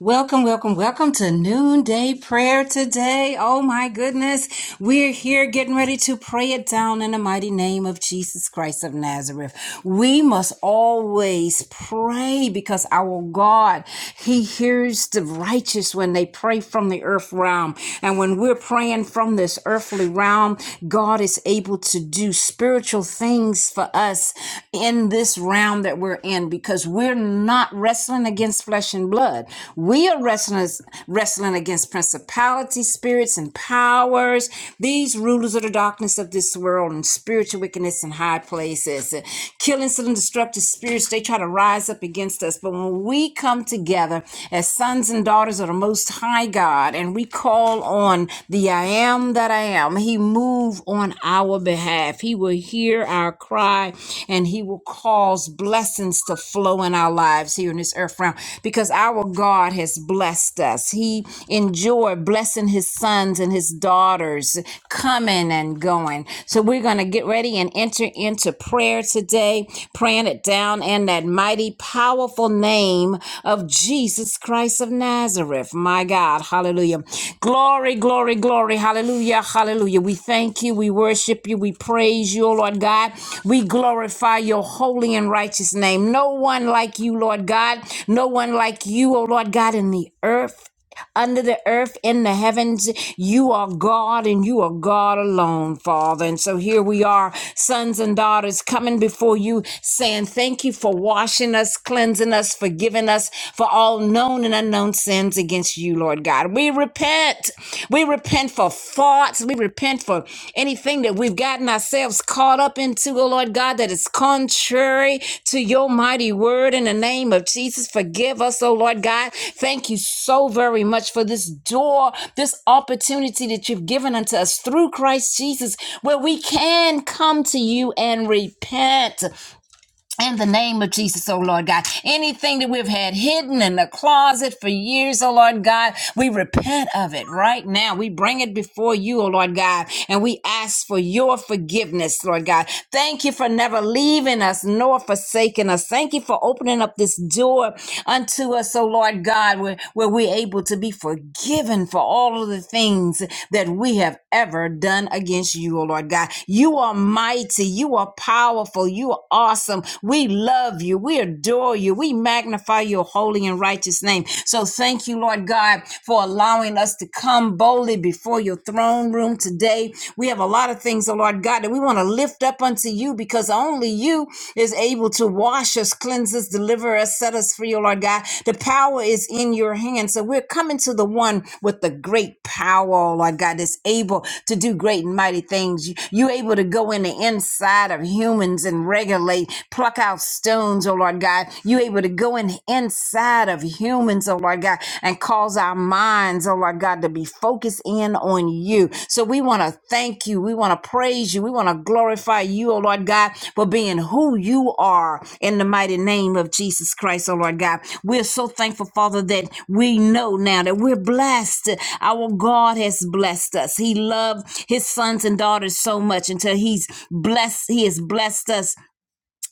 Welcome, welcome, welcome to noonday prayer today. Oh my goodness. We're here getting ready to pray it down in the mighty name of Jesus Christ of Nazareth. We must always pray because our God, He hears the righteous when they pray from the earth realm. And when we're praying from this earthly realm, God is able to do spiritual spiritual things for us in this realm that we're in because we're not wrestling against flesh and blood. We are wrestling, wrestling against principalities, spirits, and powers, these rulers of the darkness of this world and spiritual wickedness in high places. And killing some destructive spirits, they try to rise up against us. But when we come together as sons and daughters, and daughters of the Most High God, and we call on the I am that I am. He move on our behalf. He will hear our cry, and He will cause blessings to flow in our lives here in this earth realm because our God has blessed us. He enjoyed blessing His sons and His daughters coming and going. So we're going to get ready and enter enter into prayer today, praying it down in that mighty, powerful name of Jesus Christ of Nazareth. My God, hallelujah. Glory, glory, glory, hallelujah, hallelujah. We thank you, we worship you, we praise you, O Lord God. We glorify your holy and righteous name. No one like you, Lord God. No one like you, O Lord God, in the earth under the earth, in the heavens. You are God and you are God alone, Father. And so here we are, sons and daughters, coming before you, saying thank you for washing us, cleansing us, forgiving us for all known and unknown sins against you, Lord God. We repent. We repent for faults. We repent for for anything that we've gotten ourselves caught up into, oh Lord God, that is contrary to your mighty word in the name of Jesus. Forgive us, oh Lord God. Thank you so very much for this door, this opportunity that you've given unto us through Christ Jesus, where we can come to you and repent. In the name of Jesus, oh Lord God, anything that we've had hidden in the closet for years, oh Lord God, we repent of it right now. We bring it before you, oh Lord God, and we ask for your forgiveness, Lord God. Thank you for never leaving us nor forsaking us. Thank you for opening up this door unto us, oh Lord God, where, where we're able to be forgiven for all of the things that we have ever done against you, oh Lord God. You are mighty, you are powerful, you are awesome awesome. We love you. We adore you. We magnify your holy and righteous name. So thank you, Lord God, for allowing us to come boldly before your throne room today. We have a lot of things, oh Lord God, that we want to lift up unto you because only you is able to wash us, cleanse us, deliver us, set us free, oh Lord God. The power is in your hand. So we're coming to the one with the great power, oh Lord God, that's able to do great and mighty things. You- You're able to go in the inside of humans and regulate mutilate, pluck out stones, oh Lord God. You're able to go in inside of humans, oh Lord God, and cause our minds, oh Lord God, to be focused in on you. So we want to thank you. We want to praise you. We want to glorify you, oh Lord God, for being who you are in the mighty name of Jesus Christ, oh Lord God. We're so thankful, Father, that we know now that we're blessed. Our God has blessed us. He loved his sons and daughters so much until he's blessed, he has blessed us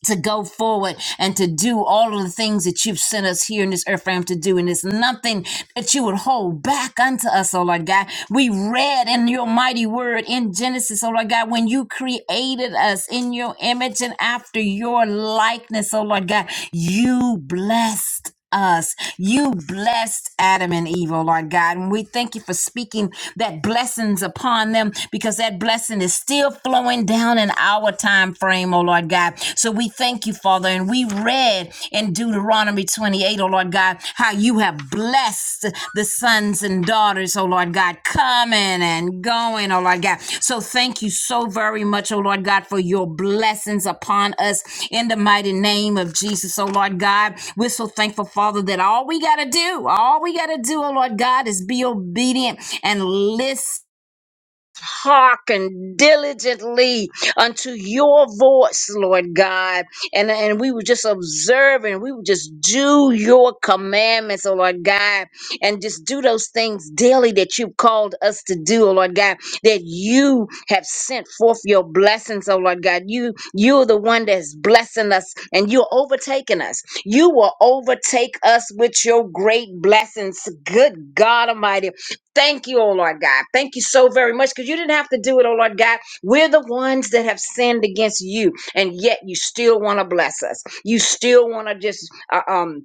to go forward and to do all of the things that you've sent us here in this earth realm to do. And it's nothing that you would hold back unto us, oh Lord God. We read in your mighty word in Genesis, oh Lord God, when you created us in your image and after your likeness, oh Lord God, you blessed us. You blessed Adam and Eve, oh Lord God. And we thank you for speaking that blessings upon them because that blessing is still flowing down in our time frame, oh Lord God. So we thank you, Father. And we read in Deuteronomy 28, O Lord God, how you have blessed the sons and daughters, oh Lord God, coming and going, oh Lord God. So thank you so very much, oh Lord God, for your blessings upon us in the mighty name of Jesus, oh Lord God. We're so thankful, Father, that all we got to do, all we got to do, oh Lord God, is be obedient and listen hearken diligently unto your voice, Lord God. And, and we were just observing, we would just do your commandments, oh Lord God, and just do those things daily that you've called us to do, oh Lord God, that you have sent forth your blessings, oh Lord God. You you're the one that's blessing us and you're overtaking us. You will overtake us with your great blessings. Good God Almighty. Thank you, oh Lord God. Thank you so very much because you didn't have to do it, oh Lord God. We're the ones that have sinned against you, and yet you still want to bless us. You still want to just uh, um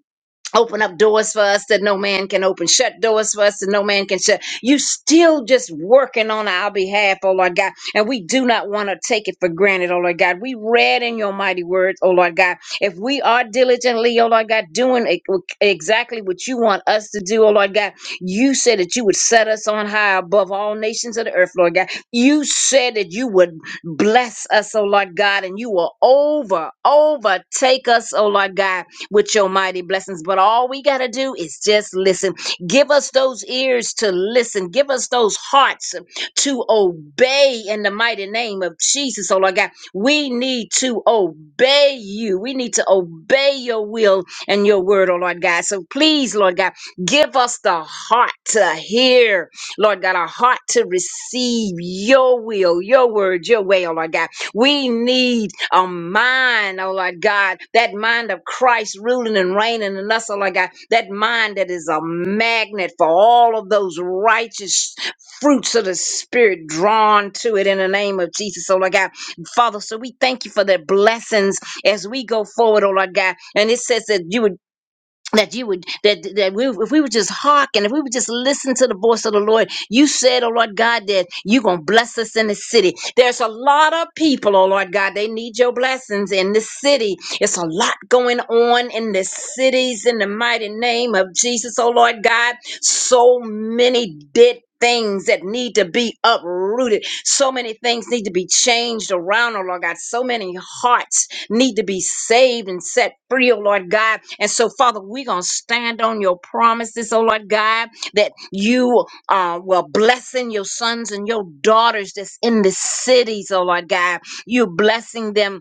open up doors for us that no man can open, shut doors for us that no man can shut. You still just working on our behalf, oh Lord God. And we do not want to take it for granted, oh Lord God. We read in your mighty words, oh Lord God. If we are diligently, oh Lord God, doing e- exactly what you want us to do, oh Lord God, you said that you would set us on high above all nations of the earth, Lord God. You said that you would bless us, oh Lord God, and you will over, overtake us, oh Lord God with your mighty blessings. But all we got to do is just listen. Give us those ears to listen. Give us those hearts to obey in the mighty name of Jesus. Oh, Lord God, we need to obey you. We need to obey your will and your word, oh, Lord God. So please, Lord God, give us the heart to hear, Lord God, a heart to receive your will, your word, your way, oh, Lord God. We need a mind, oh Lord God, that mind of Christ ruling and reigning in us, oh Lord God, that mind that is a magnet for all of those righteous fruits of the Spirit drawn to it in the name of Jesus, oh Lord God. Father, so we thank you for the blessings as we go forward, oh Lord God. And it says that you would that you would that that we if we would just hearken if we would just listen to the voice of the lord you said oh lord god that you're gonna bless us in the city there's a lot of people oh lord god they need your blessings in this city it's a lot going on in the cities in the mighty name of jesus oh lord god so many dead things that need to be uprooted. So many things need to be changed around, oh Lord God. So many hearts need to be saved and set free, oh Lord God. And so, Father, we're going to stand on your promises, oh Lord God, that you uh, will blessing your sons and your daughters that's in the cities, oh Lord God. you blessing them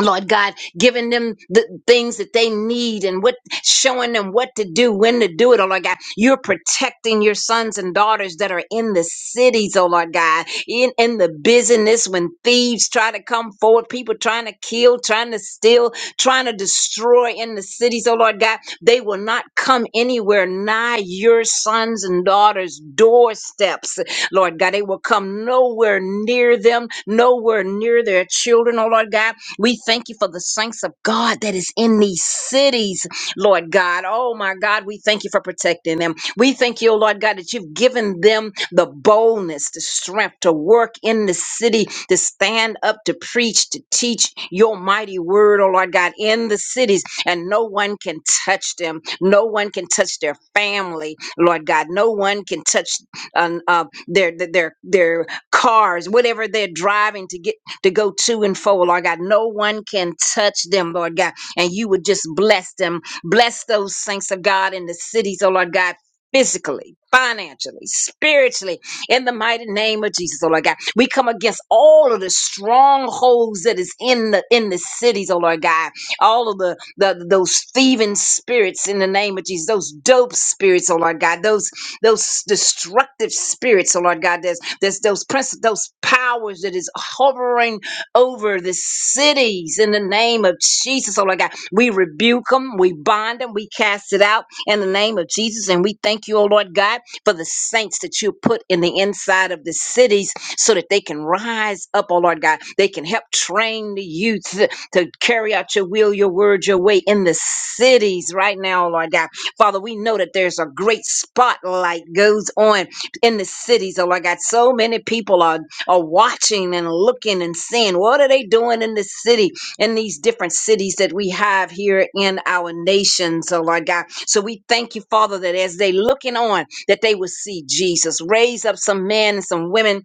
Lord God, giving them the things that they need and what showing them what to do, when to do it, oh Lord God. You're protecting your sons and daughters that are in the cities, oh Lord God, in, in the business when thieves try to come forward, people trying to kill, trying to steal, trying to destroy in the cities, oh Lord God. They will not come anywhere nigh your sons and daughters' doorsteps. Lord God. They will come nowhere near them, nowhere near their children, oh Lord God. We thank you for the saints of God that is in these cities, Lord God. Oh my God, we thank you for protecting them. We thank you, oh Lord God, that you've given them the boldness, the strength to work in the city, to stand up, to preach, to teach your mighty word, oh Lord God, in the cities. And no one can touch them. No one can touch their family, Lord God. No one can touch uh, uh, their, their, their cars, whatever they're driving to get to go to and fro, Lord God. No one can touch them, Lord God. And you would just bless them. Bless those saints of God in the cities, oh Lord God. Physically, financially, spiritually, in the mighty name of Jesus, oh Lord God, we come against all of the strongholds that is in the in the cities, oh Lord God, all of the, the those thieving spirits in the name of Jesus, those dope spirits, oh Lord God, those those destructive spirits, oh Lord God, there's, there's those prince, those powers that is hovering over the cities in the name of Jesus, oh Lord God. We rebuke them, we bind them, we cast it out in the name of Jesus, and we thank you, oh Lord God, for the saints that you put in the inside of the cities so that they can rise up, oh Lord God. They can help train the youth to carry out your will, your word, your way in the cities right now, oh Lord God Father, we know that there's a great spotlight goes on in the cities. Oh, Lord God, so many people are, are watching and looking and seeing what are they doing in the city, in these different cities that we have here in our nation. So, Lord God, so we thank you, Father, that as they looking on, that they will see Jesus. Raise up some men and some women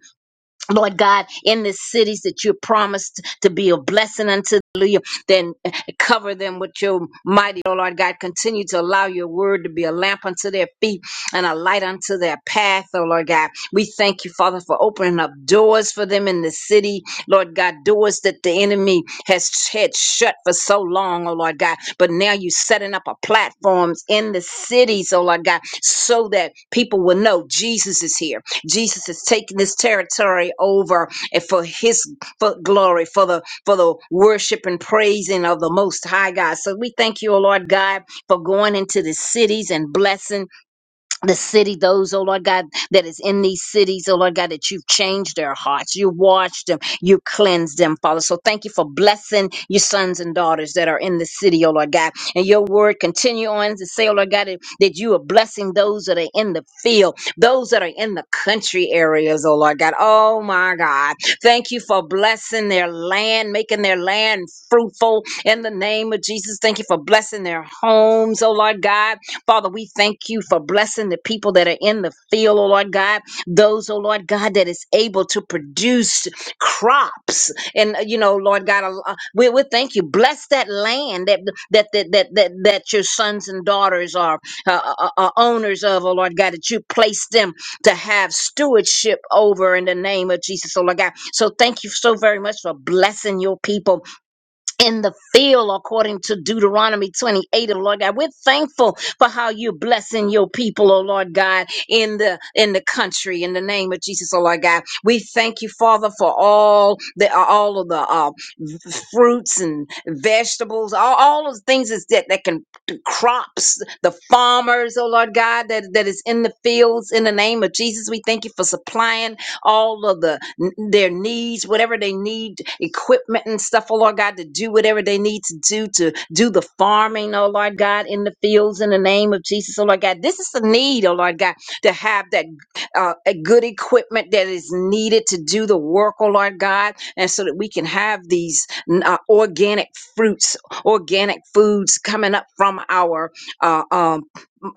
Lord God, in the cities that you promised to be a blessing unto, hallelujah, then cover them with your mighty, oh Lord God. Continue to allow your word to be a lamp unto their feet and a light unto their path, oh Lord God. We thank you, Father, for opening up doors for them in the city, Lord God, doors that the enemy has had shut for so long, oh Lord God. But now you're setting up a platforms in the cities, oh Lord God, so that people will know Jesus is here. Jesus is taking this territory over and for his for glory, for the for the worship and praising of the most high God. So we thank you, O Lord God, for going into the cities and blessing the city, those, oh Lord God, that is in these cities, oh Lord God, that you've changed their hearts. You washed them. You cleansed them, Father. So thank you for blessing your sons and daughters that are in the city, oh Lord God. And your word continue on to say, oh Lord God, that, that you are blessing those that are in the field, those that are in the country areas, oh Lord God. Oh my God. Thank you for blessing their land, making their land fruitful in the name of Jesus. Thank you for blessing their homes, oh Lord God Father, we thank you for blessing the people that are in the field, oh Lord God, those, oh Lord God, that is able to produce crops. And, uh, you know, Lord God, uh, uh, we, we thank you. Bless that land that, that, that, that, that, that your sons and daughters are, uh, uh, uh, uh, owners of, oh Lord God, that you place them to have stewardship over in the name of Jesus, oh Lord God. So thank you so very much for blessing your people in the field according to Deuteronomy 28 of Lord God. We're thankful for how you're blessing your people, oh Lord God, in the in the country in the name of Jesus, oh Lord God. We thank you, Father, for all the all of the uh, v- fruits and vegetables, all, all of the things is that, that can the crops, the farmers, oh Lord God, that, that is in the fields in the name of Jesus. We thank you for supplying all of the their needs, whatever they need, equipment and stuff, oh Lord God, to do whatever they need to do to do the farming, oh Lord God, in the fields in the name of Jesus, oh Lord God. This is the need, oh Lord God, to have that uh, a good equipment that is needed to do the work, oh Lord God, and so that we can have these uh, organic fruits, organic foods coming up from our uh, um,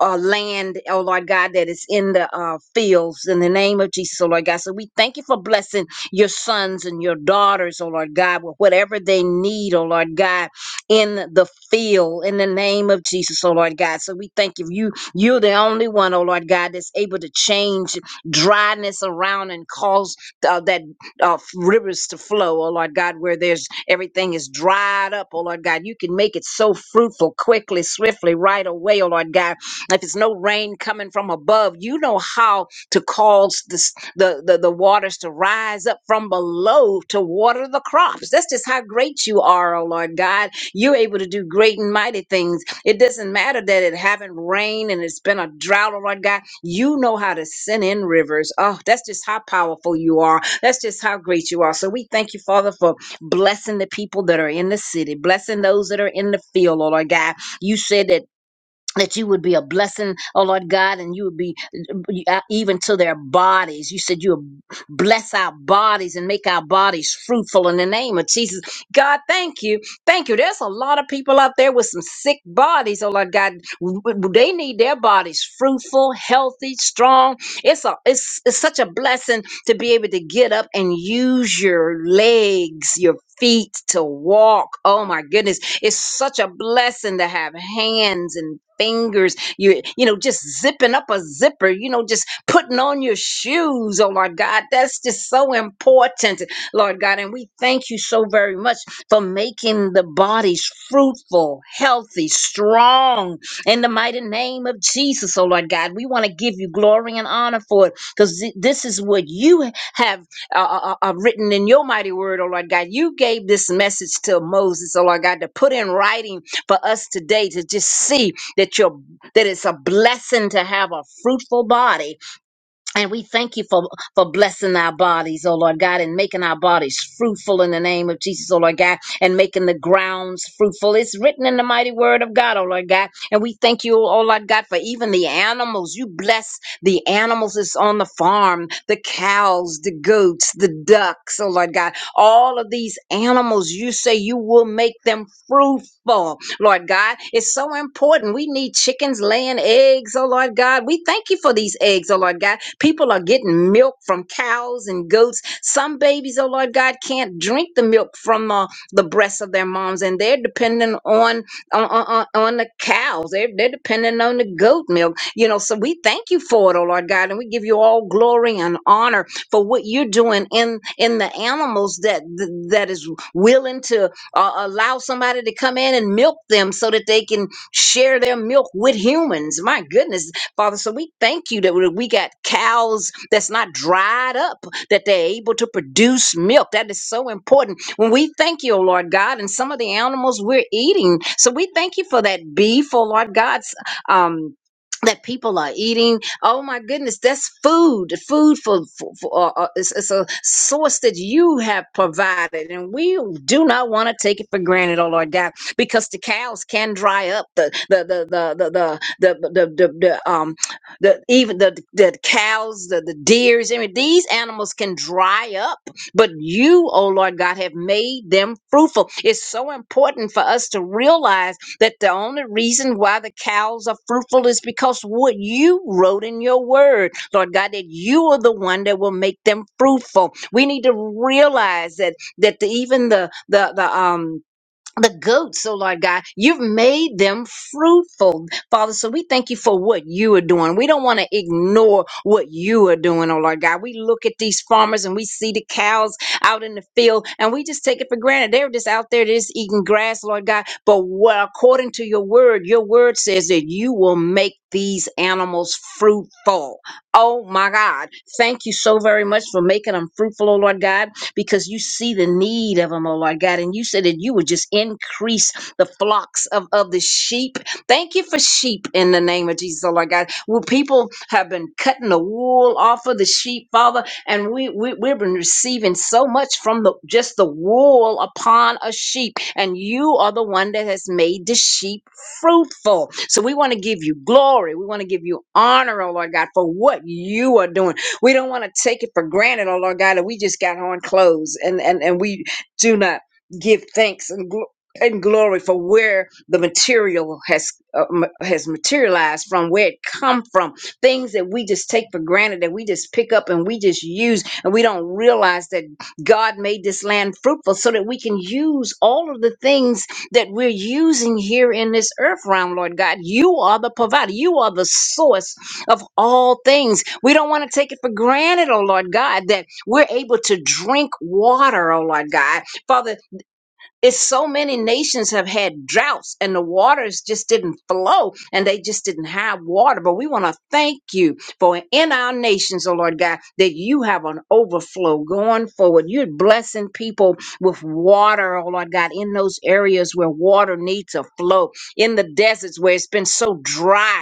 uh, land, oh Lord God, that is in the uh, fields in the name of Jesus, oh Lord God. So we thank you for blessing your sons and your daughters, oh Lord God, with whatever they need, oh Lord God, in the field in the name of Jesus, oh Lord God. So we thank you. You you're the only one, oh Lord God, that's able to change dryness around and cause uh, that uh, f- rivers to flow, oh Lord God, where there's everything is dried up, oh Lord God. You can make it so fruitful quickly, swiftly, right away, oh Lord God if it's no rain coming from above, you know how to cause this, the, the, the waters to rise up from below to water the crops. That's just how great you are, oh Lord God. You're able to do great and mighty things. It doesn't matter that it haven't rained and it's been a drought, oh Lord God. You know how to send in rivers. Oh, that's just how powerful you are. That's just how great you are. So we thank you, Father, for blessing the people that are in the city, blessing those that are in the field, oh Lord God. You said that that you would be a blessing, oh Lord God, and you would be uh, even to their bodies. You said you would bless our bodies and make our bodies fruitful in the name of Jesus. God, thank you. Thank you. There's a lot of people out there with some sick bodies, oh Lord God. W- w- They need their bodies fruitful, healthy, strong. It's, a, it's, it's such a blessing to be able to get up and use your legs, your feet to walk. Oh my goodness it's such a blessing to have hands and fingers. You you know just zipping up a zipper, you know just putting on your shoes. Oh Lord God, that's just so important, Lord God, and we thank you so very much for making the bodies fruitful, healthy, strong in the mighty name of Jesus, oh Lord God. We want to give you glory and honor for it because this is what you have uh, uh, uh, uh, written in your mighty word, oh Lord God. You gave this message to Moses, oh Lord God, to put in writing for us today to just see that you're that it's a blessing to have a fruitful body and we thank you for, for blessing our bodies, oh Lord God, and making our bodies fruitful in the name of Jesus, oh Lord God, and making the grounds fruitful. It's written in the mighty word of God, oh Lord God. And we thank you, oh Lord God, for even the animals. You bless the animals that's on the farm, the cows, the goats, the ducks, oh Lord God. All of these animals, you say you will make them fruitful. Lord God. It's so important. We need chickens laying eggs, oh Lord God. We thank you for these eggs, oh Lord God. People are getting milk from cows and goats. Some babies, oh Lord God, can't drink the milk from uh, the breasts of their moms, and they're dependent on on, on, on the cows. They're, they're dependent on the goat milk, you know. So we thank you for it, oh Lord God, and we give you all glory and honor for what you're doing in in the animals that that is willing to uh, allow somebody to come in and milk them so that they can share their milk with humans. My goodness, Father. So we thank you that we we got cows that's not dried up, that they're able to produce milk. That is so important. When we thank you, oh Lord God, and some of the animals we're eating. So we thank you for that beef, oh Lord God. Um, that people are eating. Oh my goodness, that's food. Food for, for, for uh, uh, it's, it's a source that you have provided, and we do not want to take it for granted. Oh Lord God, because the cows can dry up. The the the the the the the, the, the, the um the even the the cows, the the deers. I mean, these animals can dry up, but you, oh Lord God, have made them fruitful. It's so important for us to realize that the only reason why the cows are fruitful is because what you wrote in your word, Lord God, that you are the one that will make them fruitful. We need to realize that that the, even the the the um the goats, oh Lord God, you've made them fruitful, Father. So we thank you for what you are doing. We don't want to ignore what you are doing, oh Lord God. We look at these farmers and we see the cows out in the field and we just take it for granted. They're just out there just eating grass, Lord God. But what, according to your word, your word says that you will make these animals fruitful. Oh my God. Thank you so very much for making them fruitful, oh Lord God because you see the need of them, oh Lord God. And you said that you would just increase the flocks of, of the sheep. Thank you for sheep in the name of Jesus, oh Lord God. Well, people have been cutting the wool off of the sheep, Father, and we, we we've been receiving so much from the just the wool upon a sheep. And you are the one that has made the sheep fruitful. So we want to give you glory. We want to give you honor, oh Lord God, for what you are doing. We don't want to take it for granted, oh Lord God, that we just got on clothes and, and, and we do not give thanks and gl- and glory for where the material has uh, ma- has materialized from where it come from things that we just take for granted that we just pick up and we just use and we don't realize that God made this land fruitful so that we can use all of the things that we're using here in this earth realm Lord God you are the provider you are the source of all things. We don't want to take it for granted, oh Lord God, that we're able to drink water, oh Lord God. Father, it's so many nations have had droughts and the waters just didn't flow and they just didn't have water. But we want to thank you for in our nations, oh Lord God, that you have an overflow going forward. You're blessing people with water, oh Lord God, in those areas where water needs to flow, in the deserts where it's been so dry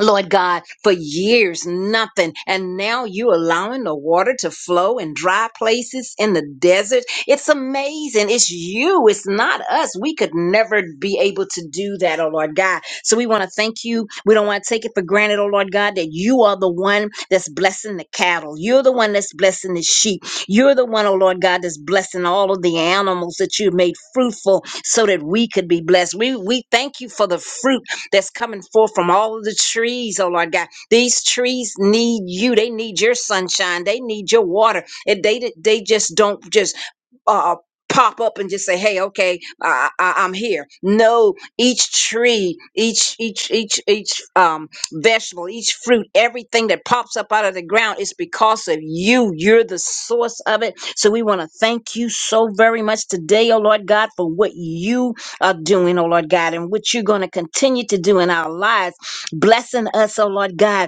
Lord God, for years, nothing. And now you allowing the water to flow in dry places in the desert. It's amazing. It's you. It's not us. We could never be able to do that, oh Lord God. So we want to thank you. We don't want to take it for granted, oh Lord God, that you are the one that's blessing the cattle. You're the one that's blessing the sheep. You're the one, oh Lord God, that's blessing all of the animals that you've made fruitful so that we could be blessed. We we thank you for the fruit that's coming forth from all of the trees, oh Lord God. These trees need you. They need your sunshine. They need your water. And they they just don't just uh pop up and just say hey okay I, I i'm here no each tree each each each each um vegetable each fruit everything that pops up out of the ground is because of you you're the source of it so we want to thank you so very much today oh lord god for what you are doing, oh Lord God, and what you're going to continue to do in our lives, blessing us, oh Lord God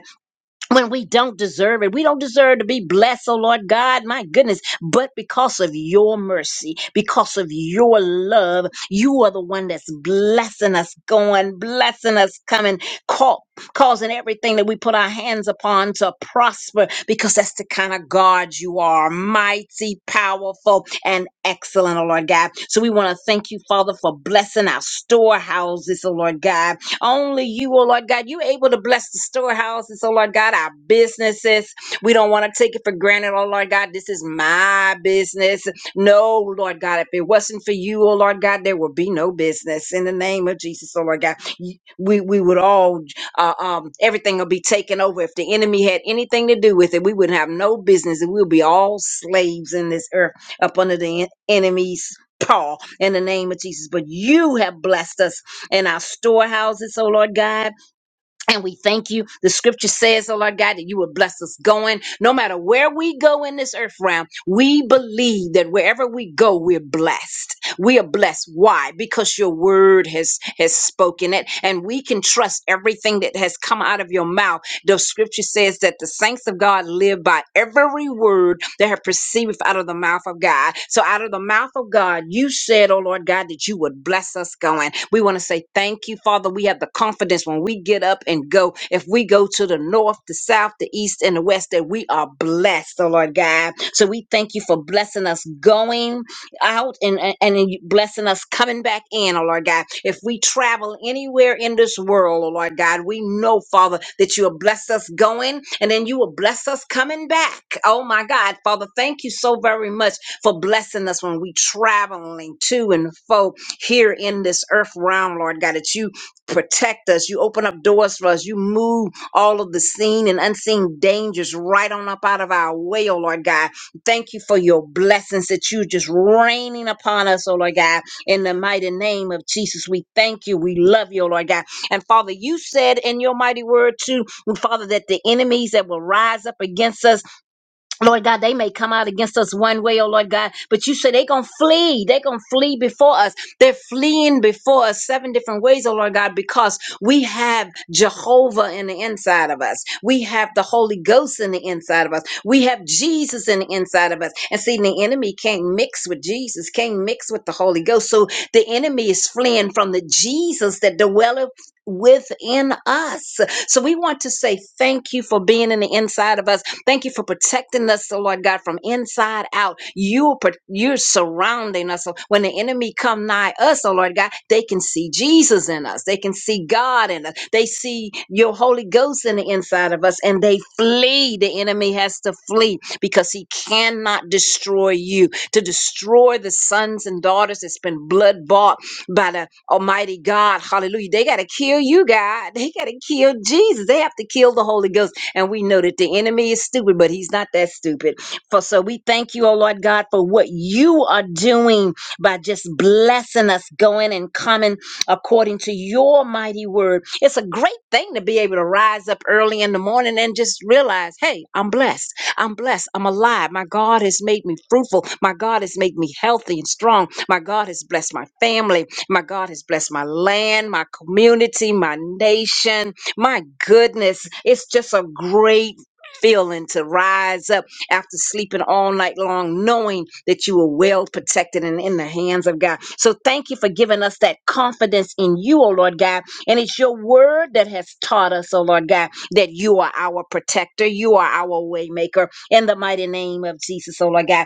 when we don't deserve it. We don't deserve to be blessed, oh Lord God, my goodness. But because of your mercy, because of your love, you are the one that's blessing us going, blessing us coming, ca- causing everything that we put our hands upon to prosper, because that's the kind of God you are mighty, powerful, and excellent, oh Lord God. So we want to thank you, Father, for blessing our storehouses, oh Lord God only you, oh Lord God, you're able to bless the storehouses, oh Lord God, our businesses. We don't want to take it for granted, oh Lord God. This is my business. No, Lord God, if it wasn't for you, oh Lord God, there would be no business. In the name of Jesus, oh Lord God, you- we, we would all, uh, um, everything will be taken over. If the enemy had anything to do with it, we would have no business and we'll be all slaves in this earth up under the en- enemy's paw in the name of Jesus. But you have blessed us in our storehouses, oh Lord God. And we thank you. The scripture says, oh Lord God, that you would bless us going. No matter where we go in this earth realm, we believe that wherever we go, we're blessed. We are blessed. Why? Because your word has has spoken it, and we can trust everything that has come out of your mouth the scripture says that the saints of God live by every word that have perceived out of the mouth of God. So out of the mouth of God, you said, oh Lord God, that you would bless us going. We want to say thank you, Father. We have the confidence when we get up and go, if we go to the north, the south, the east, and the west, that we are blessed, oh Lord God. So we thank you for blessing us going out and, and, and blessing us coming back in, oh Lord God. If we travel anywhere in this world, oh Lord God, we know, Father, that you will bless us going and then you will bless us coming back. Oh my God, Father, thank you so very much for blessing us when we traveling to and fro here in this earth realm, Lord God, that you protect us, you open up doors for us, you move all of the seen and unseen dangers right on up out of our way, oh Lord God. Thank you for your blessings that you just raining upon us, oh Lord God. In the mighty name of Jesus, we thank you. We love you, oh Lord God. And Father, you said in your mighty word too, Father, that the enemies that will rise up against us Lord God, they may come out against us one way, oh Lord God, but you say they're going to flee. They're going to flee before us. They're fleeing before us seven different ways, oh Lord God, because we have Jehovah in the inside of us. We have the Holy Ghost in the inside of us. We have Jesus in the inside of us. And see, the enemy can't mix with Jesus, can't mix with the Holy Ghost. So the enemy is fleeing from the Jesus that dwelleth within us. So we want to say thank you for being in the inside of us. Thank you for protecting us, so Lord God, from inside out. You pro- you're surrounding us. So when the enemy come nigh us, oh Lord God, they can see Jesus in us. They can see God in us. They see your Holy Ghost in the inside of us, and they flee. The enemy has to flee because he cannot destroy you. To destroy the sons and daughters, it's been blood bought by the Almighty God. Hallelujah. They got to kill you, God. They got to kill Jesus. They have to kill the Holy Ghost. And we know that the enemy is stupid, but he's not that stupid. For so we thank you, oh Lord God, for what you are doing by just blessing us going and coming according to your mighty word. It's a great thing to be able to rise up early in the morning and just realize, hey, I'm blessed. I'm blessed. I'm alive. My God has made me fruitful. My God has made me healthy and strong. My God has blessed my family. My God has blessed my land, my community, my nation. My goodness, it's just a great feeling to rise up after sleeping all night long, knowing that you are well protected and in the hands of God. So thank you for giving us that confidence in you, O Lord God. And it's your word that has taught us, O Lord God that you are our protector, you are our waymaker in the mighty name of Jesus, oh Lord God.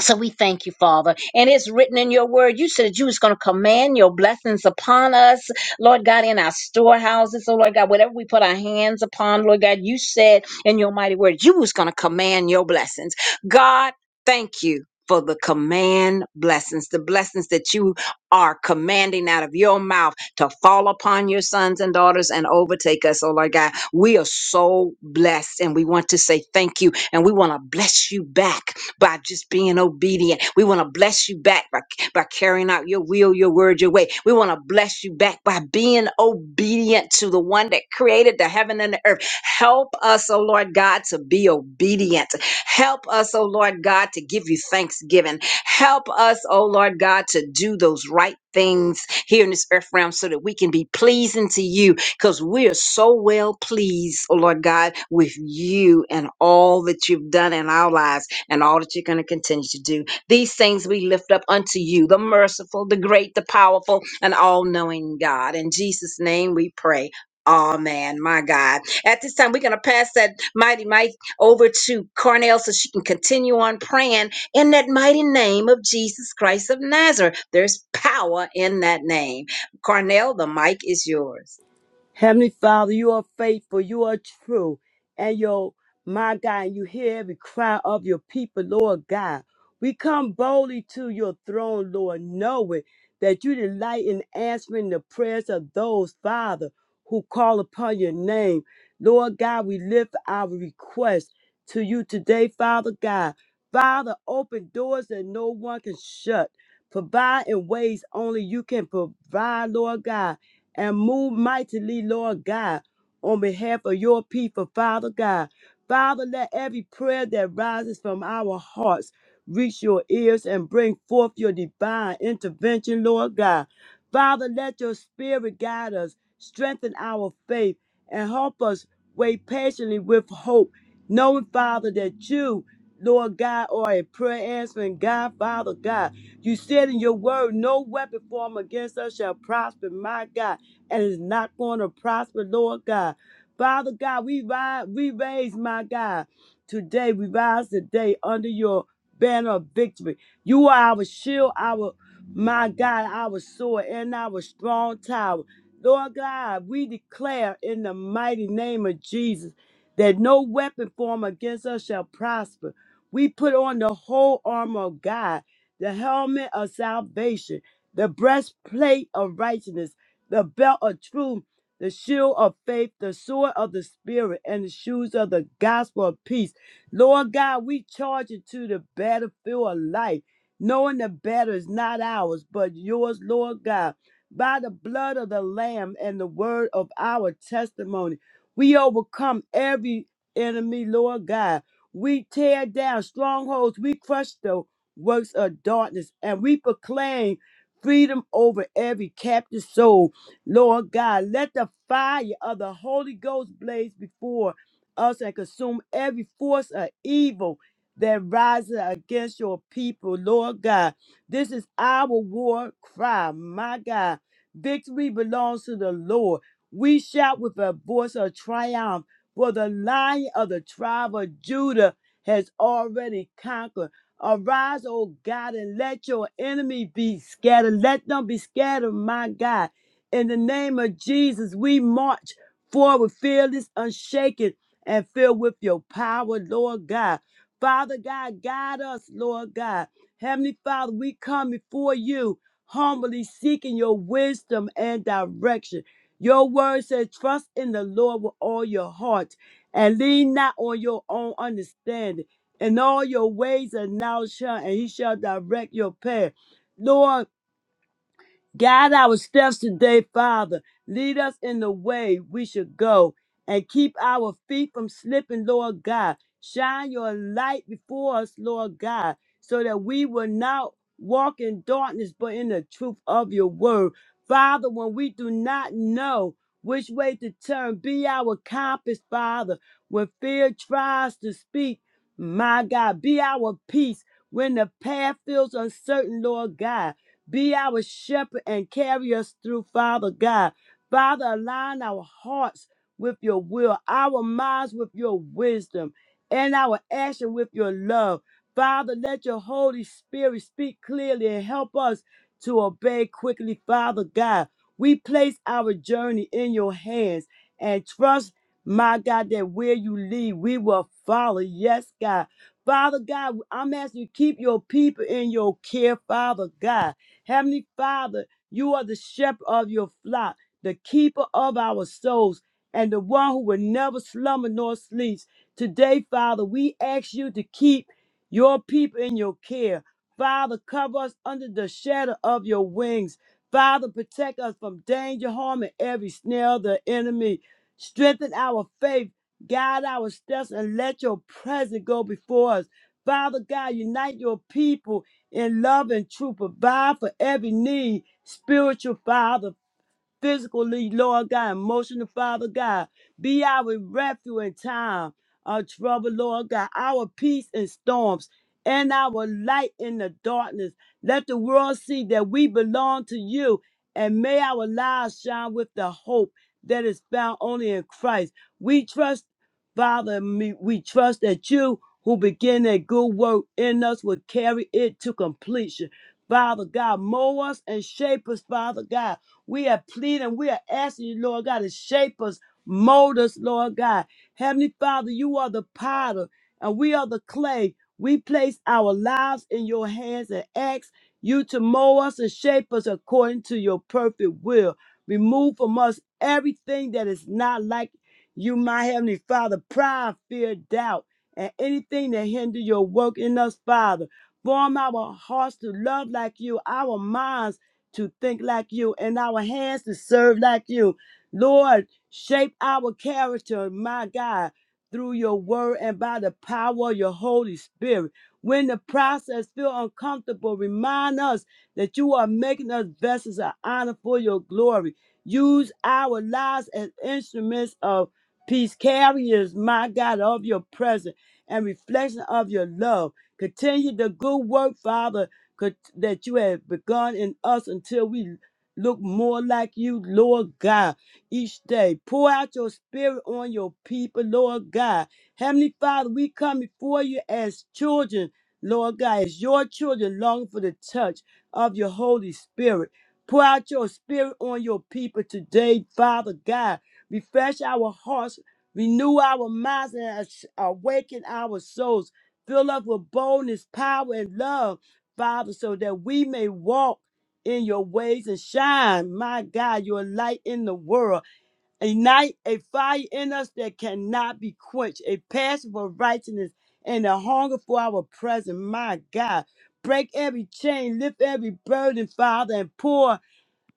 So we thank you, Father. And it's written in your word. You said you was going to command your blessings upon us, Lord God, in our storehouses. So, Lord God, whatever we put our hands upon, Lord God, you said in your mighty word, you was going to command your blessings. God, thank you. For the command blessings, the blessings that you are commanding out of your mouth to fall upon your sons and daughters and overtake us, oh Lord God. We are so blessed and we want to say thank you and we want to bless you back by just being obedient. We want to bless you back by, by carrying out your will, your word, your way. We want to bless you back by being obedient to the one that created the heaven and the earth. Help us, oh Lord God, to be obedient. Help us, oh Lord God, to give you thanksgiving. Help us, oh Lord God, to do those right things here in this earth realm so that we can be pleasing to you because we are so well pleased, oh Lord God, with you and all that you've done in our lives and all that you're going to continue to do. These things we lift up unto you, the merciful, the great, the powerful, and all knowing God. In Jesus' name we pray. Amen, my God. At this time, we're going to pass that mighty mic over to Cornell so she can continue on praying in that mighty name of Jesus Christ of Nazareth. There's power in that name. Cornell, the mic is yours. Heavenly Father, you are faithful, you are true, and your my God, you hear every cry of your people, Lord God. We come boldly to your throne, Lord, knowing that you delight in answering the prayers of those, Father, who call upon your name. Lord God, we lift our request to you today, Father God. Father, open doors that no one can shut. Provide in ways only you can provide, Lord God and move mightily, Lord God, on behalf of your people, Father God. Father, let every prayer that rises from our hearts reach your ears and bring forth your divine intervention, Lord God. Father, let your spirit guide us, strengthen our faith, and help us wait patiently with hope, knowing, Father, that you, Lord God, are a prayer answering God, Father God. You said in your word, no weapon formed against us shall prosper, my God and it's not going to prosper, Lord God. Father God, we rise, we raise, my God. Today, we rise today under your banner of victory. You are our shield, our, my God, our sword, and our strong tower. Lord God, we declare in the mighty name of Jesus that no weapon formed against us shall prosper. We put on the whole armor of God, the helmet of salvation, the breastplate of righteousness the belt of truth, the shield of faith, the sword of the spirit, and the shoes of the gospel of peace. Lord God, we charge into the battlefield of life, knowing the battle is not ours, but yours, Lord God. By the blood of the Lamb and the word of our testimony, we overcome every enemy, Lord God. We tear down strongholds, we crush the works of darkness, and we proclaim freedom over every captive soul. Lord God, let the fire of the Holy Ghost blaze before us and consume every force of evil that rises against your people, Lord God. This is our war cry, my God. Victory belongs to the Lord. We shout with a voice of triumph, for the lion of the tribe of Judah has already conquered. Arise, O God, and let your enemy be scattered. Let them be scattered, my God. In the name of Jesus, we march forward fearless, unshaken, and filled with your power, Lord God. Father God, guide us, Lord God. Heavenly Father, we come before you humbly seeking your wisdom and direction. Your word says, trust in the Lord with all your heart and lean not on your own understanding. In all your ways acknowledge him, and he shall direct your path. Lord, Guide our steps today, Father. Lead us in the way we should go and keep our feet from slipping, Lord God. Shine your light before us, Lord God, so that we will not walk in darkness but in the truth of your word. Father, when we do not know which way to turn, be our compass, Father. When fear tries to speak, my God, be our peace. When the path feels uncertain, Lord God. Be our shepherd and carry us through, Father God. Father, align our hearts with your will, our minds with your wisdom, and our action with your love. Father, let your Holy Spirit speak clearly and help us to obey quickly, Father God. We place our journey in your hands and trust, my God, that where you lead, we will follow. Yes, God. Father God, I'm asking you to keep your people in your care, Father God. Heavenly Father, you are the shepherd of your flock, the keeper of our souls, and the one who will never slumber nor sleeps. Today, Father, we ask you to keep your people in your care. Father, cover us under the shadow of your wings. Father, protect us from danger, harm, and every snare of the enemy. Strengthen our faith, guide our steps, and let your presence go before us. Father God, unite your people in love and truth. Provide for every need. Spiritual Father, physically, Lord God, emotionally, Father God. Be our refuge in time of trouble, Lord God, our peace in storms, and our light in the darkness. Let the world see that we belong to you, and may our lives shine with the hope that is found only in Christ. We trust, Father, me- we trust that you who begin a good work in us will carry it to completion. Father God, mold us and shape us, Father God we are pleading, we are asking you, Lord God, to shape us, mold us, Lord God. Heavenly Father, you are the potter and we are the clay. We place our lives in your hands and ask you to mold us and shape us according to your perfect will. Remove from us everything that is not like you, my Heavenly Father, pride, fear, doubt, and anything that hinder your work in us, Father. Form our hearts to love like you, our minds to think like you and our hands to serve like you. Lord, shape our character, my God, through your word and by the power of your Holy Spirit. When the process feel uncomfortable, remind us that you are making us vessels of honor for your glory. Use our lives as instruments of peace carriers, my God, of your presence and reflection of your love. Continue the good work, Father, could, that you have begun in us until we look more like you, Lord God, each day. Pour out your spirit on your people, Lord God. Heavenly Father, we come before you as children, Lord God, as your children long for the touch of your Holy Spirit. Pour out your spirit on your people today, Father God. Refresh our hearts, renew our minds, and as- awaken our souls. Fill us with boldness, power, and love Father, so that we may walk in your ways and shine, my God, your light in the world. Ignite a fire in us that cannot be quenched, a passion for righteousness and a hunger for our presence, my God. Break every chain, lift every burden, Father, and pour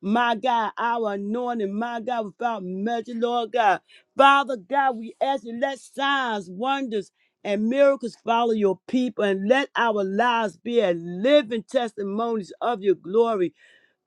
my God, our anointing, my God, without measure, Lord God. Father God, we ask you, let signs, wonders, and miracles follow your people and let our lives be a living testimonies of your glory.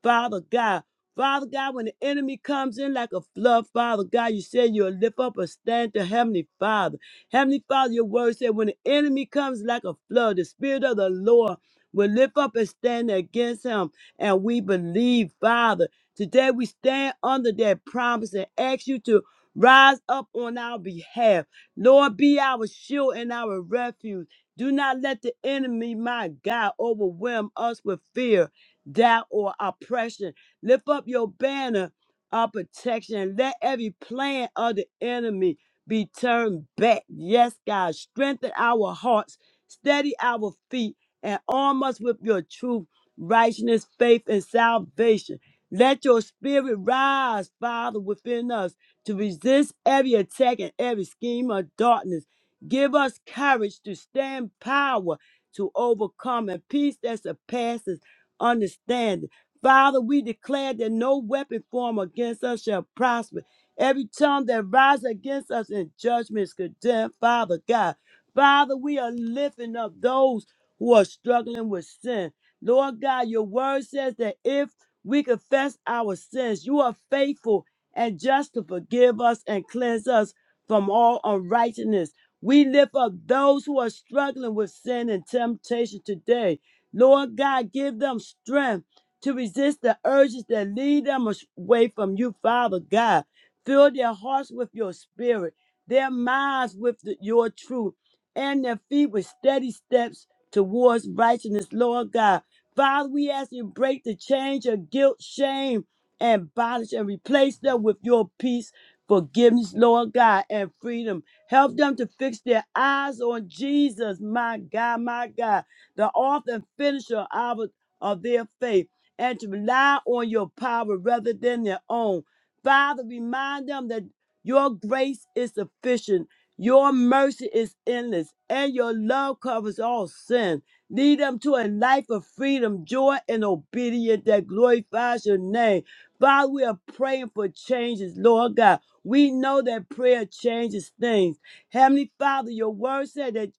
Father God. Father God, when the enemy comes in like a flood, Father God, you said you'll lift up a stand to Heavenly Father. Heavenly Father, your word said when the enemy comes like a flood, the Spirit of the Lord will lift up a stand against him. And we believe, Father. Today we stand under that promise and ask you to rise up on our behalf. Lord, be our shield and our refuge. Do not let the enemy, my God, overwhelm us with fear doubt, or oppression. Lift up your banner of protection. and Let every plan of the enemy be turned back. Yes, God, strengthen our hearts, steady our feet, and arm us with your truth, righteousness, faith, and salvation. Let your spirit rise, Father, within us to resist every attack and every scheme of darkness. Give us courage to stand power to overcome and peace that surpasses understanding. Father, we declare that no weapon formed against us shall prosper. Every tongue that rises against us in judgment is condemned, Father God. Father, we are lifting up those who are struggling with sin. Lord God, your word says that if we confess our sins, you are faithful and just to forgive us and cleanse us from all unrighteousness. We lift up those who are struggling with sin and temptation today. Lord God, give them strength to resist the urges that lead them away from you, Father God. Fill their hearts with your spirit, their minds with the- your truth, and their feet with steady steps towards righteousness, Lord God. Father, we ask you to break the chains of guilt, shame, and bondage and replace them with your peace, forgiveness, Lord God, and freedom. Help them to fix their eyes on Jesus, my God, my God the author and finisher of, of their faith, and to rely on your power rather than their own. Father, remind them that your grace is sufficient, your mercy is endless, and your love covers all sin. Lead them to a life of freedom, joy, and obedience that glorifies your name. Father, we are praying for changes, Lord God. We know that prayer changes things. Heavenly Father, your word said that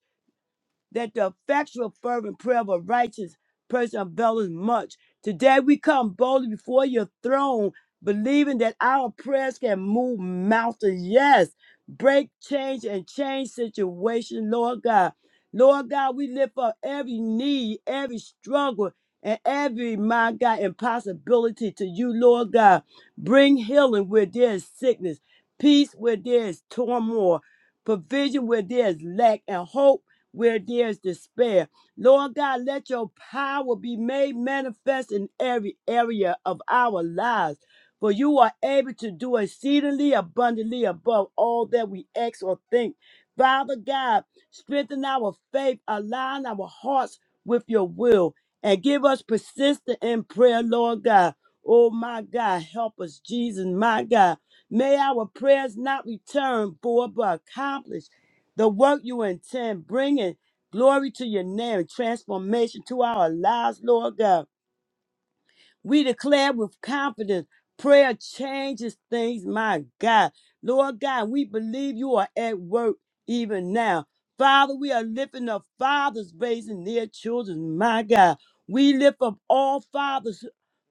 that the effectual fervent prayer of a righteous person availeth much. Today we come boldly before your throne, believing that our prayers can move mountains. Yes, break change and change situation, Lord God. Lord God, we lift up every need, every struggle, and every, my God, impossibility to you, Lord God. Bring healing where there is sickness, peace where there is turmoil, provision where there is lack, and hope where there's despair. Lord God, let your power be made manifest in every area of our lives. For you are able to do exceedingly abundantly above all that we ask or think. Father God, strengthen our faith, align our hearts with your will, and give us persistence in prayer, Lord God. Oh my God, help us, Jesus, my God. May our prayers not return void but accomplished the work you intend, bringing glory to your name, transformation to our lives, Lord God. We declare with confidence prayer changes things, my God. Lord God, we believe you are at work even now. Father, we are lifting up fathers raising their children, my God. We lift up all fathers,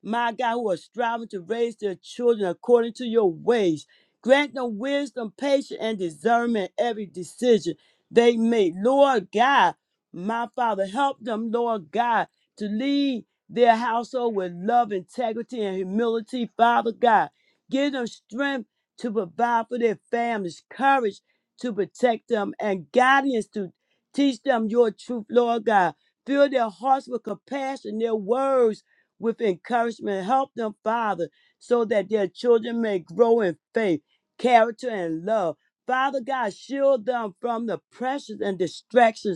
my God, who are striving to raise their children according to your ways. Grant them wisdom, patience, and discernment in every decision they make. Lord God, my Father, help them, Lord God, to lead their household with love, integrity, and humility. Father God, give them strength to provide for their families, courage to protect them, and guidance to teach them your truth, Lord God. Fill their hearts with compassion, their words with encouragement. Help them, Father, so that their children may grow in faith, character, and love. Father God, shield them from the pressures and distractions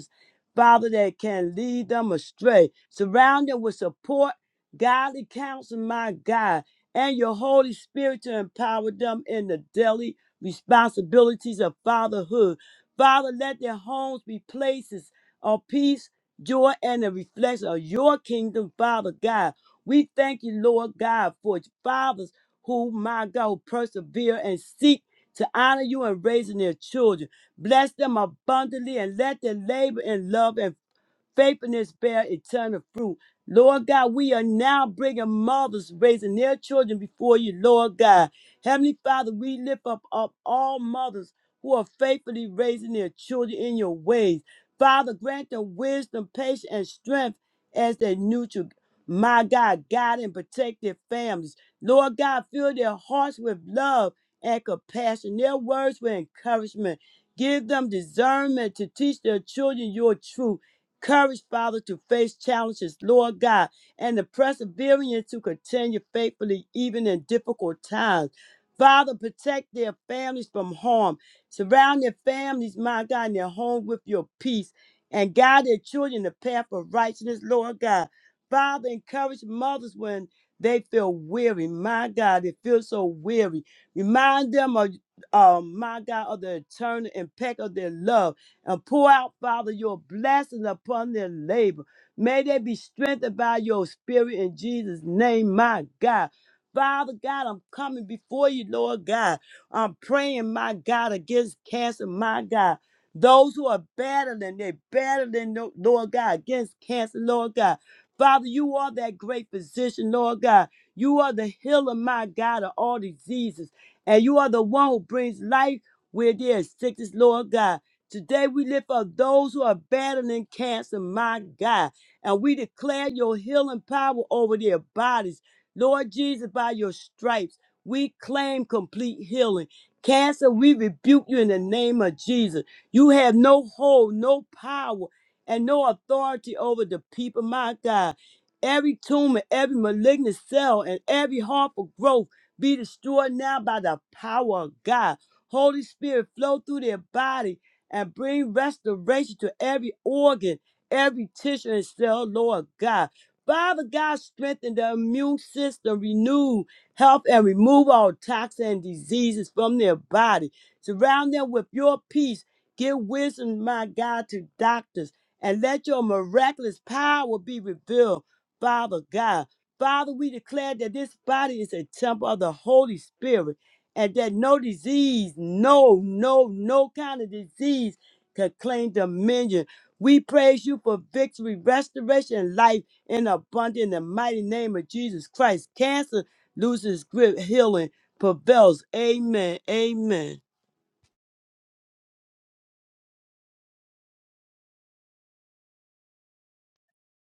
Father, that can lead them astray. Surround them with support, godly counsel, my God, and your Holy Spirit to empower them in the daily responsibilities of fatherhood. Father, let their homes be places of peace, joy, and a reflection of your kingdom, Father God. We thank you, Lord God, for fathers who, my God, persevere and seek to honor you in raising their children. Bless them abundantly and let their labor in love and Faithfulness bear eternal fruit. Lord God, we are now bringing mothers raising their children before you, Lord God. Heavenly Father, we lift up, up all mothers who are faithfully raising their children in your ways. Father, grant them wisdom, patience, and strength as they nurture. My God, guide and protect their families. Lord God, fill their hearts with love and compassion. Their words with encouragement. Give them discernment to teach their children your truth courage, Father, to face challenges, Lord God, and the perseverance to continue faithfully even in difficult times. Father, protect their families from harm. Surround their families, my God, and their home with your peace. And guide their children in the path of righteousness, Lord God. Father, encourage mothers when they feel weary. My God, they feel so weary. Remind them of, um, my God, of the eternal impact of their love and pour out, Father, your blessings upon their labor. May they be strengthened by your spirit in Jesus' name, my God. Father God, I'm coming before you, Lord God. I'm praying, my God, against cancer, my God. Those who are battling, they're battling, Lo- Lord God, against cancer, Lord God. Father, you are that great physician, Lord God. You are the healer, my God, of all diseases. And you are the one who brings life where there is sickness, Lord God. Today we lift up those who are battling cancer, my God, and we declare your healing power over their bodies. Lord Jesus, by your stripes, we claim complete healing. Cancer, we rebuke you in the name of Jesus. You have no hold, no power, and no authority over the people, my God. Every tumor, every malignant cell, and every harmful growth be destroyed now by the power of God. Holy Spirit, flow through their body and bring restoration to every organ, every tissue and cell, Lord God. Father God, strengthen the immune system, renew health, and remove all toxins and diseases from their body. Surround them with your peace. Give wisdom, my God, to doctors, and let your miraculous power be revealed, Father God. Father, we declare that this body is a temple of the Holy Spirit and that no disease, no, no, no kind of disease could claim dominion. We praise you for victory, restoration, and life in abundance in the mighty name of Jesus Christ. Cancer loses grip, healing prevails. Amen. Amen.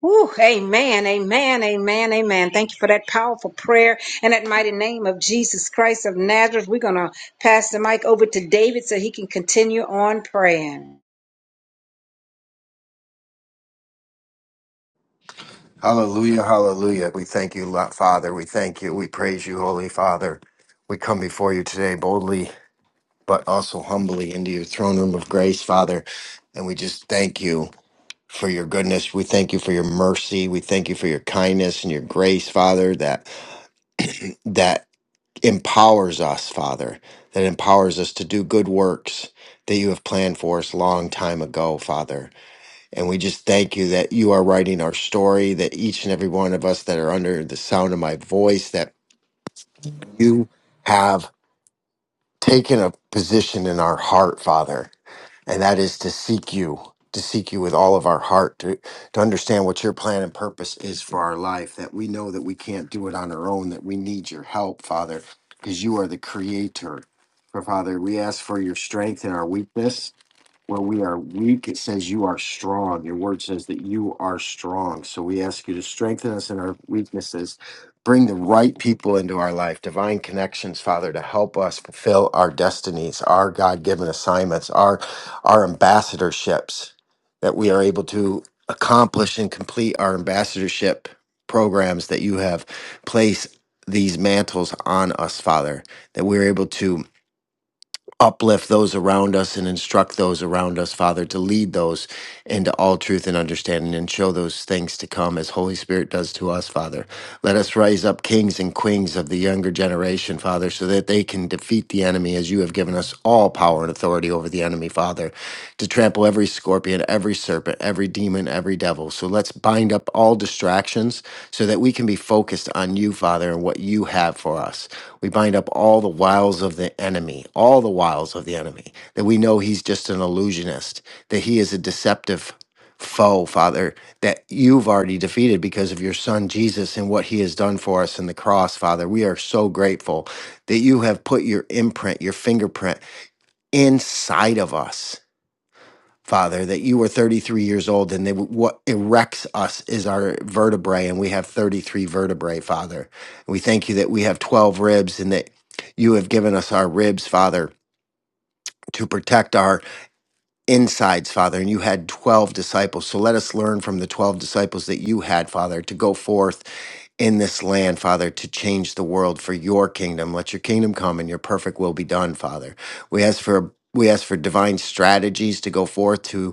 Whew, amen, amen, amen, amen. Thank you for that powerful prayer and that mighty name of Jesus Christ of Nazareth. We're going to pass the mic over to David so he can continue on praying. Hallelujah, hallelujah. We thank you, Lo- Father. We thank you. We praise you, Holy Father. We come before you today boldly, but also humbly into your throne room of grace, Father. And we just thank you for your goodness. We thank you for your mercy. We thank you for your kindness and your grace, Father, that that empowers us, Father, that empowers us to do good works that you have planned for us long time ago, Father. And we just thank you that you are writing our story, that each and every one of us that are under the sound of my voice, that you have taken a position in our heart, Father, and that is to seek you, to seek you with all of our heart, to, to understand what your plan and purpose is for our life, that we know that we can't do it on our own, that we need your help, Father, because you are the creator. For Father, we ask for your strength in our weakness where we are weak, it says you are strong. Your word says that you are strong. So we ask you to strengthen us in our weaknesses. Bring the right people into our life, divine connections, Father, to help us fulfill our destinies, our God given assignments, our, our ambassadorships, that we are able to accomplish and complete our ambassadorship programs that you have placed these mantles on us, Father, that we're able to uplift those around us and instruct those around us, Father, to lead those into all truth and understanding and show those things to come as Holy Spirit does to us, Father. Let us raise up kings and queens of the younger generation, Father, so that they can defeat the enemy as you have given us all power and authority over the over the enemy, Father, to trample every scorpion, every serpent, every demon, every devil. So let's bind up all distractions so that we can be focused on you, Father, and what you have for us. We bind up all the wiles of the enemy, all the wiles of the enemy, that we know he's just an illusionist, that he is a deceptive foe, Father, that you've already defeated because of your Son Jesus and what he has done for us in the cross, Father. We are so grateful that you have put your imprint, your fingerprint inside of us, Father, that you were 33 years old and they, what erects us is our vertebrae, and we have 33 vertebrae, Father. We thank you that we have 12 ribs and that you have given us our ribs, Father, to protect our insides, Father, and you had 12 disciples. So let us learn from the 12 disciples that you had, Father, to go forth in this land, Father, to change the world for your kingdom. Let your kingdom come and your perfect will be done, Father. We ask for we ask for divine strategies to go forth to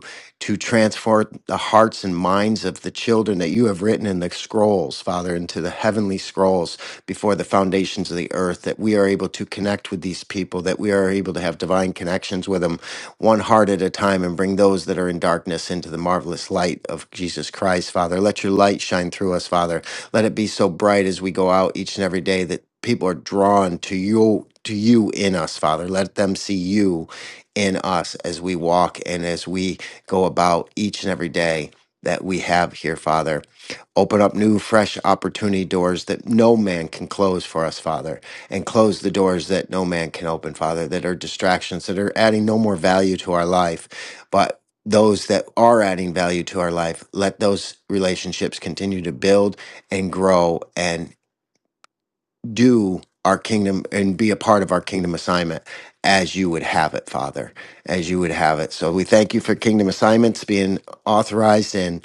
to transform the hearts and minds of the children that you have written in the scrolls, Father, into the heavenly scrolls before the foundations of the earth, that we are able to connect with these people, that we are able to have divine connections with them one heart at a time and bring those that are in darkness into the marvelous light of Jesus Christ, Father. Let your light shine through us, Father. Let it be so bright as we go out each and every day that people are drawn to you to you in us father let them see you in us as we walk and as we go about each and every day that we have here, Father. Open up new, fresh opportunity doors that no man can close for us, Father, and close the doors that no man can open, Father, that are distractions, that are adding no more value to our life. But those that are adding value to our life, let those relationships continue to build and grow. and do our kingdom and be a part of our kingdom assignment as you would have it, Father, as you would have it. So we thank you for kingdom assignments being authorized and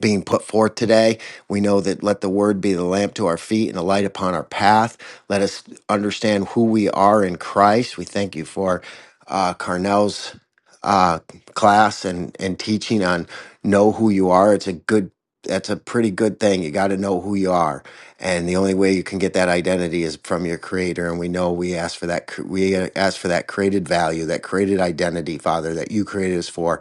being put forth today. We know that let the word be the lamp to our feet and a light upon our path. Let us understand who we are in Christ. We thank you for uh, Carnell's uh, class and, and teaching on know who you are. It's a good, that's a pretty good thing. You got to know who you are. And the only way you can get that identity is from your creator. And we know we ask for that, we ask for that created value, that created identity, Father, that you created us for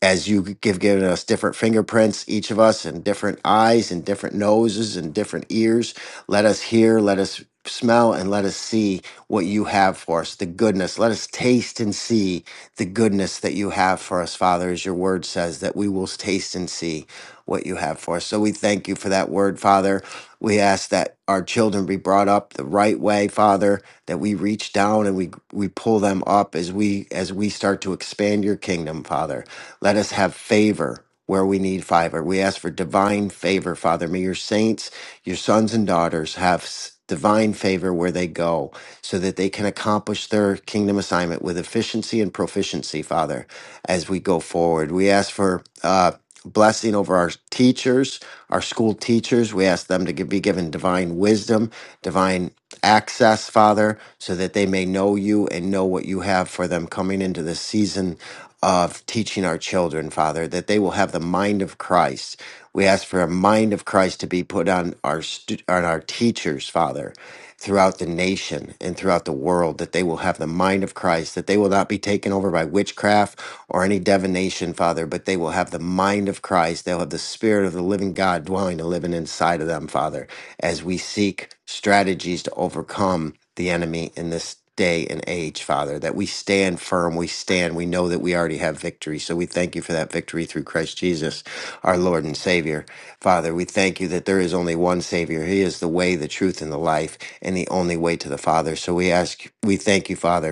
as you give given us different fingerprints, each of us, and different eyes, and different noses, and different ears. Let us hear, let us smell, and let us see what you have for us, the goodness. Let us taste and see the goodness that you have for us, Father, as your word says, that we will taste and see what you have for us. So we thank you for that word, Father. We ask that our children be brought up the right way, Father, that we reach down and we we pull them up as we as we start to expand your kingdom, Father. Let us have favor where we need favor. We ask for divine favor, Father. May your saints, your sons and daughters have s- divine favor where they go so that they can accomplish their kingdom assignment with efficiency and proficiency, Father, as we go forward. We ask for, uh, Blessing over our teachers, our school teachers. We ask them to gi- be given divine wisdom divine access, Father, so that they may know you and know what you have for them coming into this season of teaching our children, Father, that they will have the mind of Christ. We ask for a mind of Christ to be put on our stu- on our teachers, Father, throughout the nation and throughout the world, that they will have the mind of Christ, that they will not be taken over by witchcraft or any divination, Father, but they will have the mind of Christ. They'll have the Spirit of the living God dwelling and living inside of them, Father as we seek strategies to overcome the enemy in this day and age, Father, that we stand firm, we stand, we know that we already have victory. So we thank you for that victory through Christ Jesus, our Lord and Savior. Father, we thank you that there is only one Savior. He is the way, the truth, and the life, and the only way to the Father. So we ask, we thank you, Father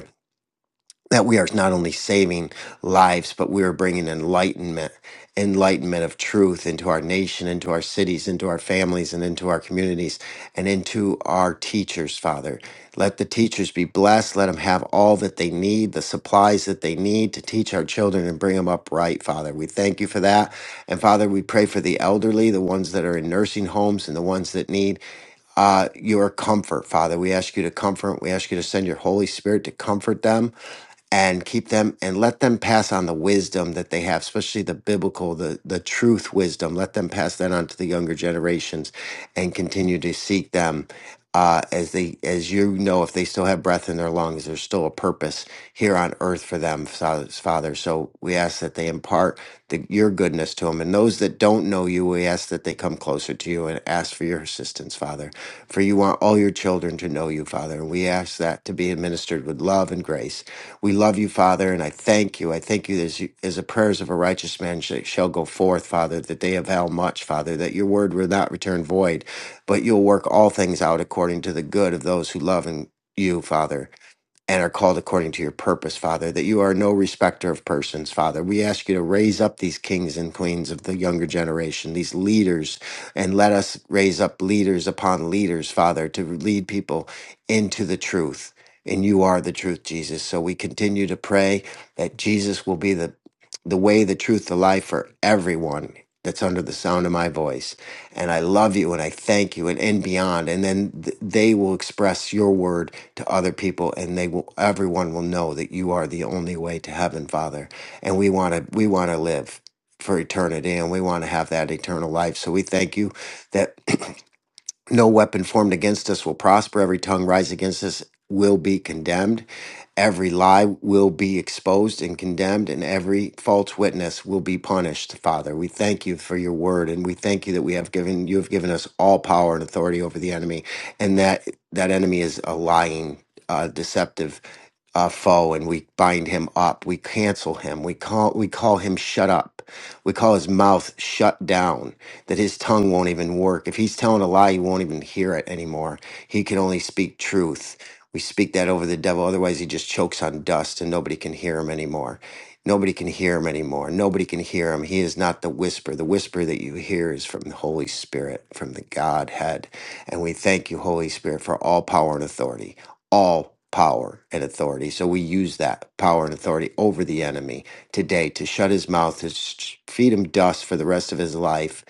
that we are not only saving lives, but we are bringing enlightenment, enlightenment of truth into our nation, into our cities, into our families, and into our communities, and into our teachers, Father. Let the teachers be blessed. Let them have all that they need, the supplies that they need to teach our children and bring them up right, Father. We thank you for that. And Father, we pray for the elderly, the ones that are in nursing homes, and the ones that need uh, your comfort, Father. We ask you to comfort. We ask you to send your Holy Spirit to comfort them and keep them and let them pass on the wisdom that they have, especially the biblical, the, the truth wisdom. Let them pass that on to the younger generations and continue to seek them uh, as they as you know if they still have breath in their lungs there's still a purpose here on earth for them Fa- father so we ask that they impart the, your goodness to them and those that don't know you we ask that they come closer to you and ask for your assistance father for you want all your children to know you father and we ask that to be administered with love and grace we love you father and i thank you i thank you as, you, as the prayers of a righteous man sh- shall go forth father that they avail much father that your word will not return void but you'll work all things out according to the good of those who love and you, Father and are called according to your purpose, Father, that you are no respecter of persons, Father. We ask you to raise up these kings and queens of the younger generation, these leaders, and let us raise up leaders upon leaders, Father, to lead people into the truth. And you are the truth, Jesus. So we continue to pray that Jesus will be the, the way, the truth, the life for everyone that's under the sound of my voice. And I love you and I thank you and, and beyond. And then th- they will express your word to other people and they will everyone will know that you are the only way to heaven father and we want to we want to live for eternity and we want to have that eternal life so we thank you that no weapon formed against us will prosper. Every tongue rise against us will be condemned. Every lie will be exposed and condemned, and every false witness will be punished. Father, we thank you for your word, and we thank you that we have given you have given us all power and authority over the enemy, and that that enemy is a lying, uh, deceptive uh, foe, and we bind him up. We cancel him. We call we call him shut up. We call his mouth shut down that his tongue won't even work. If he's telling a lie, you won't even hear it anymore. He can only speak truth. We speak that over the devil. Otherwise, he just chokes on dust and nobody can hear him anymore. Nobody can hear him anymore. Nobody can hear him. He is not the whisper. The whisper that you hear is from the Holy Spirit, from the Godhead. And we thank you, Holy Spirit, for all power and authority. All power and authority. So we use that power and authority over the enemy today to shut his mouth, to sh- feed him dust for the rest of his life,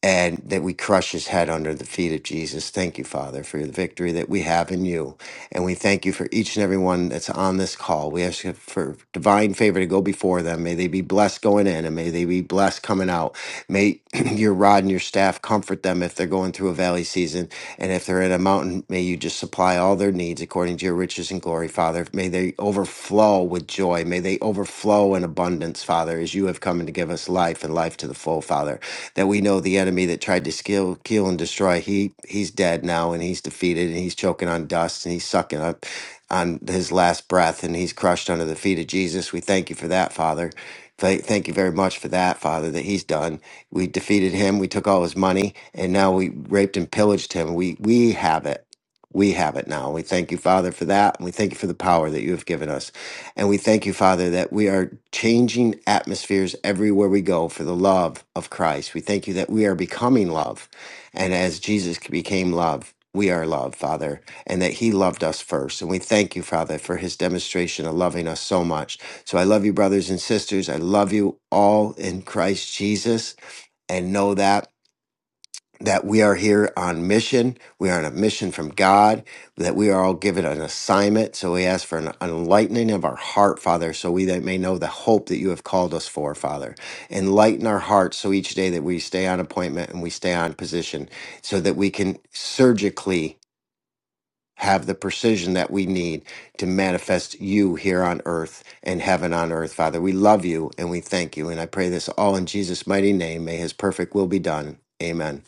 and that we crush his head under the feet of Jesus. Thank you, Father, for the victory that we have in you. And we thank you for each and every one that's on this call. We ask you for divine favor to go before them. May they be blessed going in and may they be blessed coming out. May your rod and your staff comfort them if they're going through a valley season. And if they're in a mountain, may you just supply all their needs according to your riches and glory, Father. May they overflow with joy. May they overflow in abundance, Father, as you have come to give us life and life to the full, Father. That we know the enemy that tried to kill, kill and destroy, he he's dead now and he's defeated and he's choking on dust and he's sucking up on his last breath and he's crushed under the feet of Jesus. We thank you for that, Father. Thank thank you very much for that, Father, that he's done. We defeated him. We took all his money, and now we raped and pillaged him. We we have it. We have it now. We thank you, Father, for that. And we thank you for the power that you have given us. And we thank you, Father, that we are changing atmospheres everywhere we go for the love of Christ. We thank you that we are becoming love. And as Jesus became love, we are love, Father, and that He loved us first. And we thank you, Father, for His demonstration of loving us so much. So I love you, brothers and sisters. I love you all in Christ Jesus and know that that we are here on mission. We are on a mission from God, that we are all given an assignment. So we ask for an enlightening of our heart, Father, so we that may know the hope that you have called us for, Father. Enlighten our hearts so each day that we stay on appointment and we stay on position so that we can surgically have the precision that we need to manifest you here on earth and heaven on earth, Father. We love you and we thank you. And I pray this all in Jesus' mighty name. May his perfect will be done. Amen.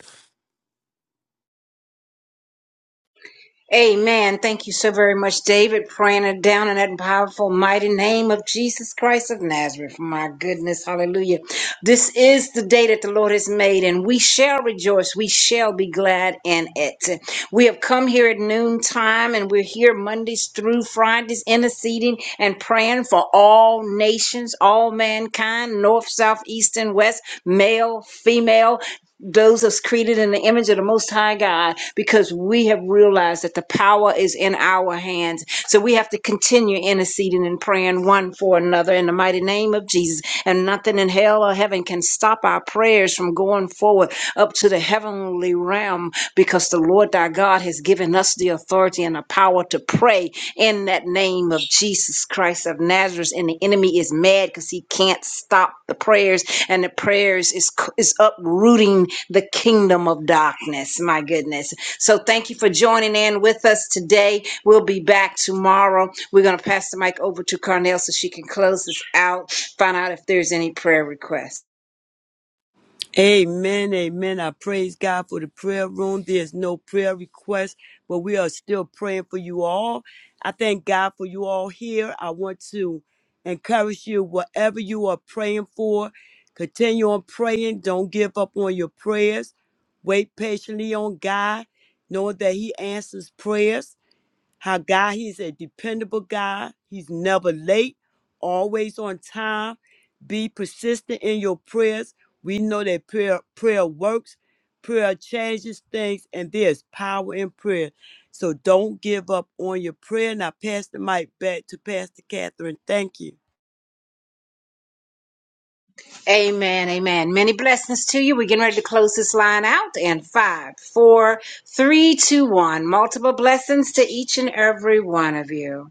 Amen. Thank you so very much, David, praying it down in that powerful, mighty name of Jesus Christ of Nazareth. My goodness, hallelujah. This is the day that the Lord has made, and we shall rejoice. We shall be glad in it. We have come here at noontime, and we're here Mondays through Fridays, interceding and praying for all nations, all mankind, north, south, east, and west, male, female those us created in the image of the most high god because we have realized that the power is in our hands so we have to continue interceding and praying one for another in the mighty name of jesus and nothing in hell or heaven can stop our prayers from going forward up to the heavenly realm because the lord thy god has given us the authority and the power to pray in that name of jesus christ of nazareth and the enemy is mad because he can't stop the prayers and the prayers is is uprooting the kingdom of darkness my goodness so thank you for joining in with us today we'll be back tomorrow we're going to pass the mic over to carnell so she can close this out find out if there's any prayer requests Amen, amen. I praise God for the prayer room. There's no prayer request, but we are still praying for you all. I thank God for you all here. I want to encourage you, whatever you are praying for, continue on praying. Don't give up on your prayers. Wait patiently on God, knowing that He answers prayers how God, He's a dependable God. He's never late, always on time. Be persistent in your prayers. We know that prayer, prayer works, prayer changes things, and there's power in prayer. So don't give up on your prayer. Now, pass the mic back to Pastor Catherine. Thank you. amen amen many blessings to you we're getting ready to close this line out and five four three two one multiple blessings to each and every one of you